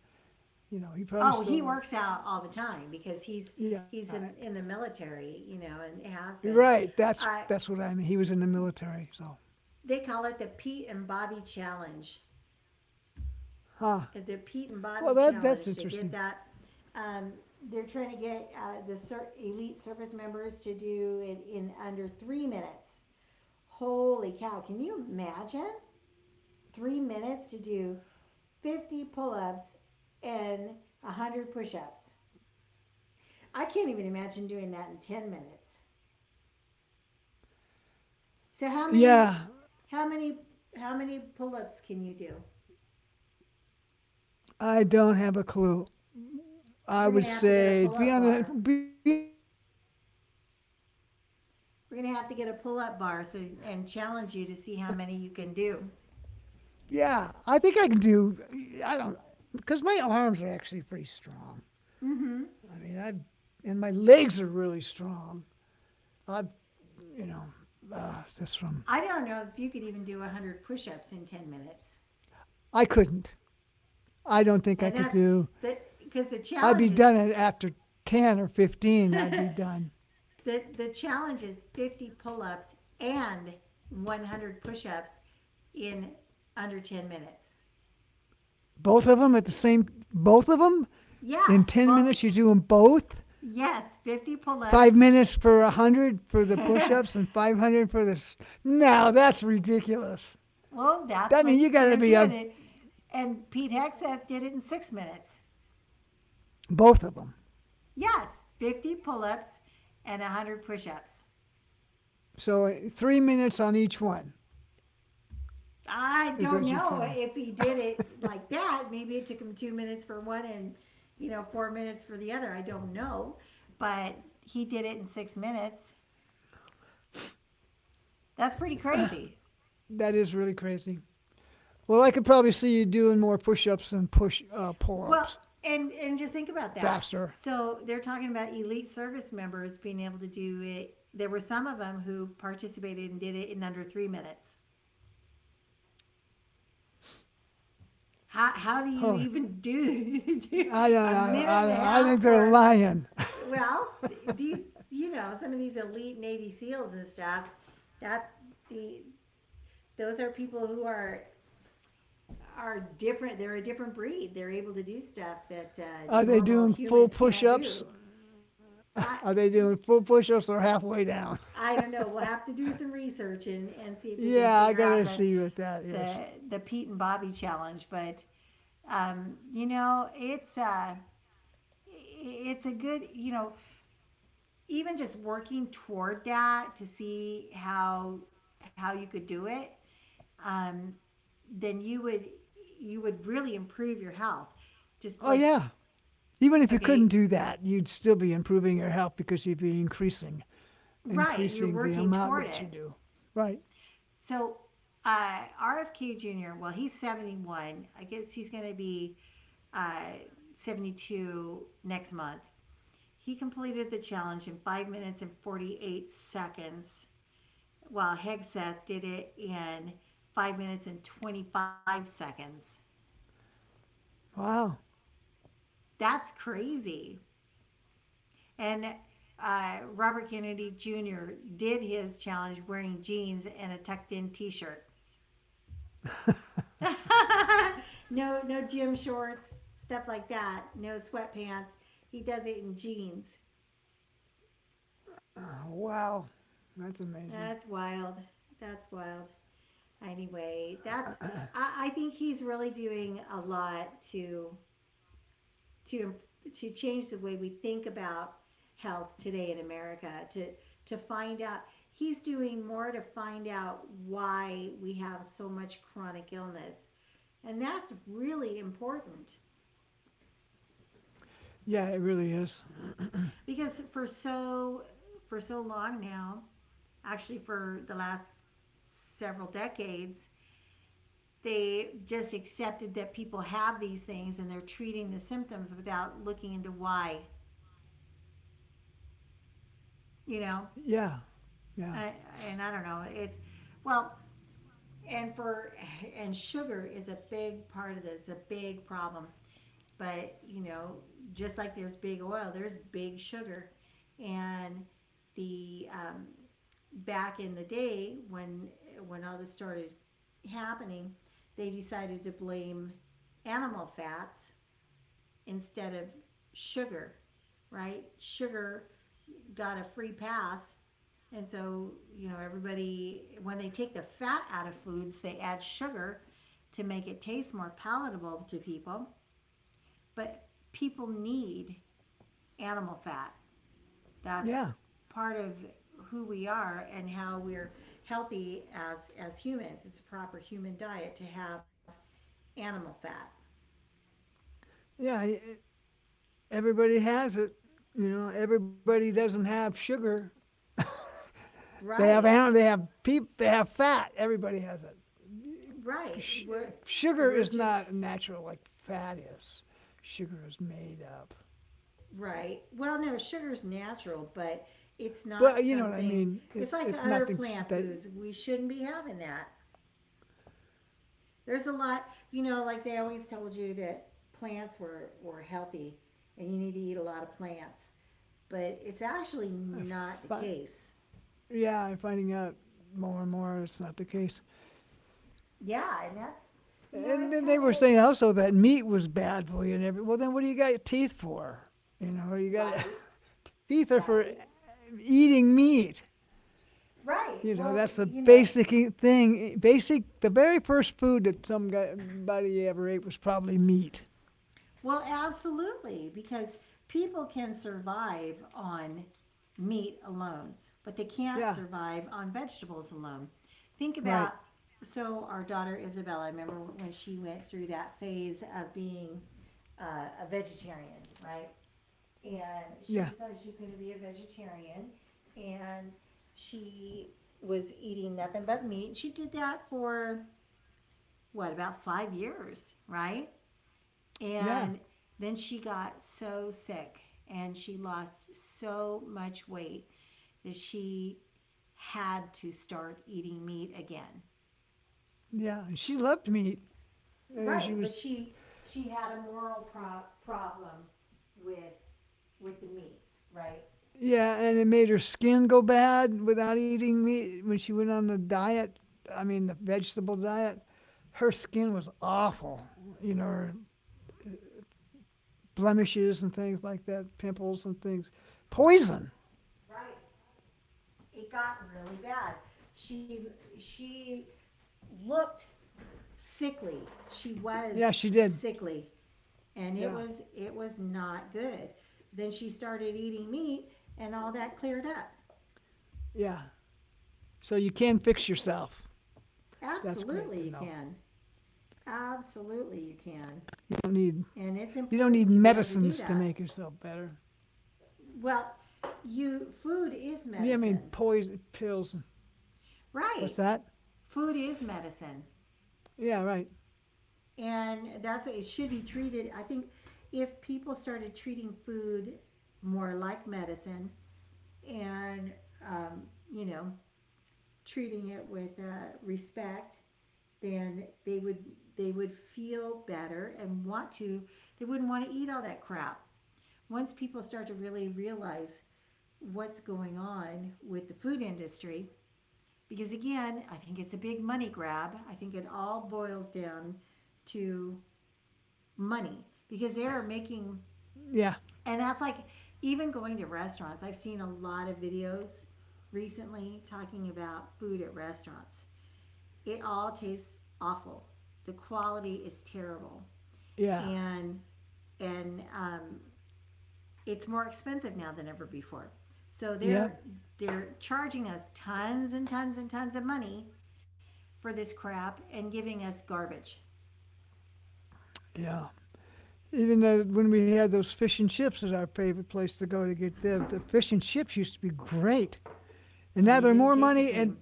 B: you know, he probably
A: Oh, he
B: still,
A: works out all the time because he's
B: yeah,
A: he's in the military, and has
B: you're
A: been.
B: right.
A: Uh,
B: That's what I mean. He was in the military. So,
A: they call it the Pete and Bobby Challenge.
B: huh.
A: The Pete and
B: Well,
A: Bobby
B: that, that's
A: Challenge to get
B: interesting.
A: that. Um, they're trying to get the elite service members to do it in under 3 minutes. Holy cow! Can you imagine 3 minutes to do 50 pull-ups and 100 push-ups? I can't even imagine doing that in 10 minutes. So
B: Yeah,
A: how many, how many pull-ups can you do?
B: I don't have a clue. I
A: We're
B: would
A: gonna have to get a
B: say be
A: pull-up
B: on the
A: bar.
B: be on the be on the safe side one. (laughs)
A: We're gonna have to get a pull-up
B: Now
A: bar,
B: I
A: so,
B: can.
A: and challenge
B: We'll
A: you to
B: have to
A: see how many
B: see.
A: you can do.
B: Yeah, I think I can do. I don't because my arms are actually pretty strong.
A: Mm-hmm.
B: I mean, I and my legs are really strong. I've you know that's from.
A: I don't know if you could even do 100 push-ups in 10 minutes.
B: I couldn't. I don't think I
A: And
B: could
A: that's
B: do.
A: the because the
B: I'd be
A: challenge is,
B: done at after ten or
A: (laughs)
B: fifteen. I'd
A: the
B: be done.
A: the challenge is 50 pull-ups and 100 push-ups in under 10 minutes.
B: Both of them at the same. Both of them
A: Yeah,
B: in 10
A: both.
B: minutes, you're doing both?
A: Yes, 50
B: Five
A: pull-ups.
B: minutes for a 100 for the push ups
A: (laughs)
B: and 500 for the. No, that's ridiculous.
A: Well, that's
B: That
A: what
B: means you
A: they're
B: got to
A: doing.
B: be on
A: And Pete Hexeth did it in 6 minutes.
B: both of them.
A: Yes, 50 pull ups and 100 push ups.
B: So 3 minutes on each one
A: I
B: is
A: don't
B: what you're
A: know
B: telling.
A: if he did it like that. Maybe it took him 2 minutes for one, and 4 minutes for the other. I don't know. But he did it in 6 minutes. That's pretty crazy.
B: That is really crazy. Well, I could probably see you doing more push-ups than push
A: Well,
B: pull-ups
A: and just think about that.
B: faster.
A: So they're talking about elite service members being able to do it. There were some of them who participated and did it in under 3 minutes. How do you
B: Oh,
A: even do,
B: I
A: (laughs)
B: don't,
A: a
B: know.
A: minute and a
B: I
A: half
B: think they're
A: for...
B: lying.
A: Well, these, some of these elite Navy SEALs and stuff, that's, the, those are people who are different. They're a different breed. They're able to do stuff that
B: Are they
A: normal
B: doing full
A: humans can't
B: push-ups?
A: do. I,
B: Are they doing full push-ups or halfway down?
A: I don't know. We'll have to do some research and see if we can
B: Yeah,
A: figure
B: I
A: out
B: gotta see what that
A: the,
B: is.
A: the Pete and Bobby challenge. But, um, you know, it's, uh, it's a good, even just working toward that to see how you could do it. um, then you would really improve your health. Just
B: Oh,
A: like.
B: yeah. Even if you couldn't
A: Okay,
B: do that, you'd still be improving your health because you'd be increasing,
A: right, you're
B: increasing the
A: working
B: amount
A: toward
B: that you
A: it.
B: do. Right.
A: So RFK Jr. Well, he's 71. I guess he's going to be uh, 72 next month. He completed the challenge in 5 minutes and 48 seconds. Well, Hegseth did it in 5 minutes and 25 seconds.
B: Wow.
A: That's crazy. And Robert Kennedy Jr. did his challenge wearing jeans and a tucked in t shirt. (laughs) No gym shorts, stuff like that. No sweatpants. He does it in jeans.
B: Wow. That's amazing.
A: That's wild. That's wild. Anyway, I think he's really doing a lot to to change the way we think about health today in America, to find out. He's doing more to find out why we have so much chronic illness, and that's really important,
B: Yeah, it really is.
A: because for so long now, actually for the last several decades, they just accepted that people have these things and they're treating the symptoms without looking into why you know
B: Yeah. Yeah.
A: I, and I don't know. It's, well, and for and sugar is a big part of this, a big problem. But, just like there's big oil, there's big sugar. And the back in the day when all this started happening, they decided to blame animal fats instead of sugar, right? Sugar got a free pass. And so, everybody, when they take the fat out of foods, they add sugar to make it taste more palatable to people. But people need animal fat. That's
B: Yeah.
A: part of who we are and how we're healthy as humans. It's a proper human diet to have animal fat.
B: Yeah. Everybody has it. You know, everybody doesn't have sugar. They have
A: Right.
B: animal, they have peep, they have fat. Everybody has it.
A: Right.
B: sh-
A: We're
B: Sugar
A: we're
B: is
A: just.
B: not natural like fat is. Sugar is made up.
A: Right. Well, no, sugar's natural, but it's not
B: But you know what I
A: something.
B: mean?
A: It's like
B: It's
A: other
B: nothing
A: plant
B: that.
A: foods. We shouldn't be having that. There's a lot, like they always told you that plants were healthy and you need to eat a lot of plants, but it's actually
B: I
A: not the
B: fi-
A: case.
B: yeah, I'm finding out more and more it's not the case.
A: Yeah, and that's,
B: And
A: it's
B: then they
A: kind
B: were saying also
A: of
B: that meat was bad for you and every. Well, then what do you got your teeth for? You know, you got it.
A: right,
B: (laughs) Teeth are for
A: right,
B: eating meat.
A: right.
B: You know,
A: Well,
B: that's the basic thing. E, basic, the very first food that somebody ever ate was probably meat.
A: well, absolutely, because people can survive on meat alone, but they can't
B: Yeah,
A: survive on vegetables alone. Think about
B: right.
A: So our daughter Isabella, I remember when she went through that phase of being a vegetarian, right? And she
B: Yeah.
A: decided she's going to be a vegetarian, and she was eating nothing but meat. She did that for what, about 5 years, right?
B: Yeah.
A: And then she got so sick and she lost so much weight that she had to start eating meat again.
B: Yeah. She loved meat. She
A: Right, but
B: was.
A: she had a moral problem with with the meat. Right.
B: Yeah, and it made her skin go bad without eating meat when she went on the diet. I mean, the vegetable diet. Her skin was awful. You know, her blemishes and things like that, pimples and things.
A: Right.
B: Poison.
A: Right. It got really bad. She she looked sickly. She
B: Yeah,
A: was
B: she did.
A: sickly, and it
B: Yeah.
A: was not good. Then she started eating meat and all that cleared up.
B: Yeah. So you can fix yourself. That's
A: Absolutely you
B: great to know.
A: can. Absolutely you can.
B: You don't need
A: And it's
B: you don't need
A: important to be able to do
B: medicines to
A: that.
B: make yourself better.
A: Well, you food is
B: Yeah, I mean
A: medicine.
B: poison pills.
A: Right.
B: What's that?
A: Food is medicine.
B: Yeah, right.
A: And that's what it should be treated. I think if people started treating food more like medicine and, um, you know treating it with respect, then they would feel better and want to they wouldn't want to eat all that crap once people start to really realize what's going on with the food industry. Because again, I think it's a big money grab. I think it all boils down to money, because they're making... And that's like, even going to restaurants, I've seen a lot of videos recently talking about food at restaurants. It all tastes awful. The quality is terrible, and and it's more expensive now than ever before. So they're charging us tons and tons and tons of money for this crap and giving us garbage. And they didn't taste the same.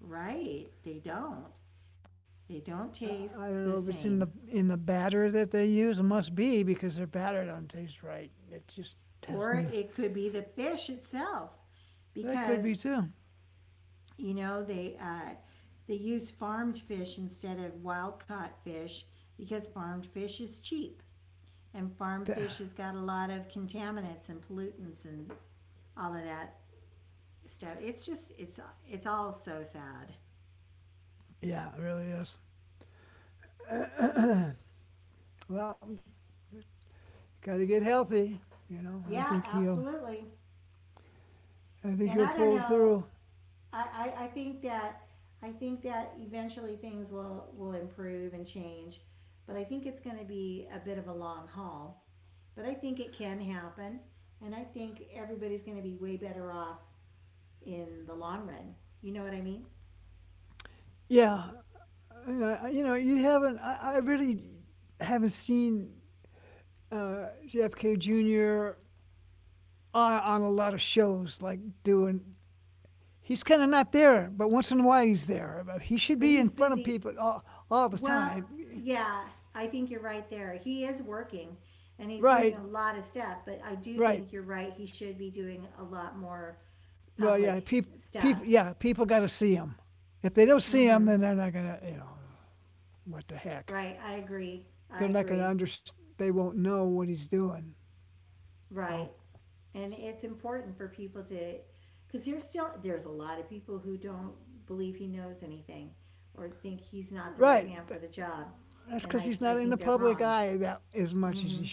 A: Right, they don't. They don't taste the same. Or it could be the fish itself, because you know they uh, they use farmed fish instead of wild caught fish, because farmed fish is cheap. And farm fish has got a lot of contaminants and pollutants and all of that stuff. It's just it's all so sad. Yeah, absolutely. And I don't know. I think that eventually things will improve and change, but I think it's going to be a bit of a long haul. But I think it can happen, and I think everybody's going to be way better off in the long run. You know what I mean? But he's busy. Well, yeah, I think you're right there. He is working and he's doing a lot of stuff, but I do think you're right. He should be doing a lot more public stuff. Hmm. Right. I agree. I agree. Right. And it's important for people to, because there's a lot of people who don't believe he knows anything, or think he's not the right man for the job. And I think they're wrong. Hmm.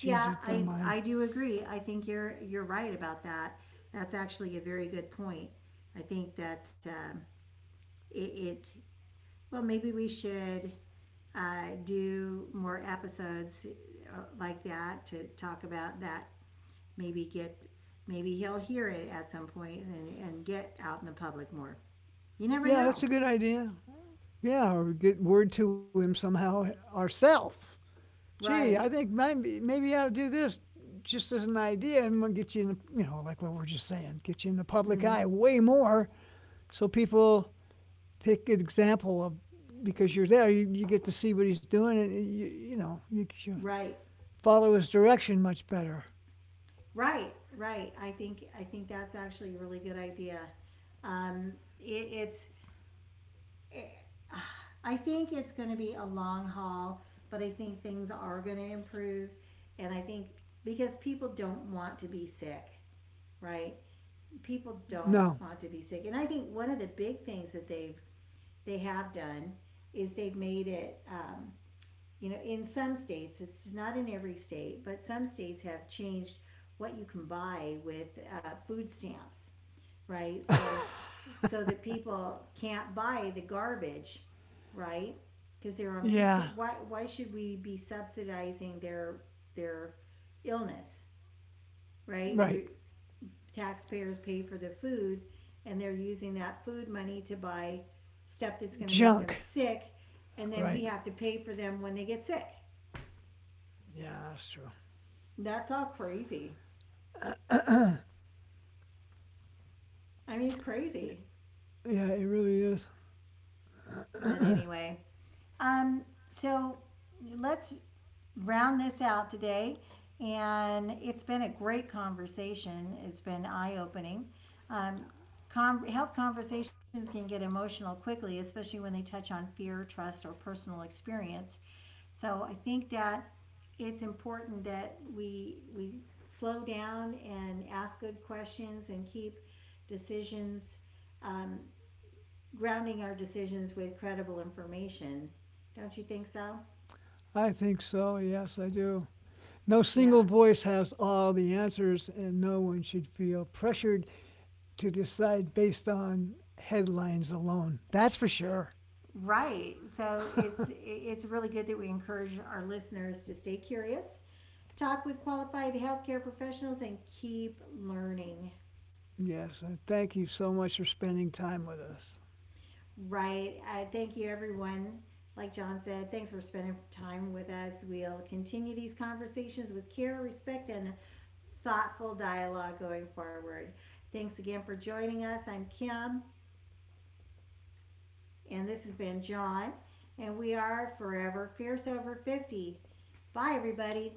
A: Yeah, I do agree. I think you're right about that. That's actually a very good point. I think that, it, it well, maybe we should do more episodes, like that to talk about that. Maybe get Maybe he'll hear it at some point and, get out in the public more. You never know. Right. Hmm. Right. Right. Right. I think that's actually a really good idea. Um, it, it's I think it's going to be a long haul, but I think things are going to improve. And I think because people don't want to be sick, right? People don't want to be sick. And I think one of the big things that they have done is they've made it, in some states, it's not in every state, but some states have changed what you can buy with food stamps, right? So that people can't buy the garbage, right? Because they're on food stamps. Why should we be subsidizing their illness, right? We, taxpayers, pay for the food, and they're using that food money to buy stuff that's going to make them sick, and then we have to pay for them when they get sick. That's all crazy. I mean, it's crazy. But anyway, um, so let's round this out today. And it's been a great conversation. It's been eye opening. Um, health conversations can get emotional quickly, especially when they touch on fear, trust, or personal experience. So I think that it's important that we slow down and ask good questions and keep decisions grounding our decisions with credible information. Don't you think so? Yeah. Right. So it's really good that we encourage our listeners to stay curious, talk with qualified healthcare professionals, and keep learning. Right. Thank you, everyone. Like John said, thanks for spending time with us. We'll continue these conversations with care, respect, and thoughtful dialogue going forward. Thanks again for joining us. I'm Kim, and this has been John, and we are Forever Fierce Over 50. Bye, everybody.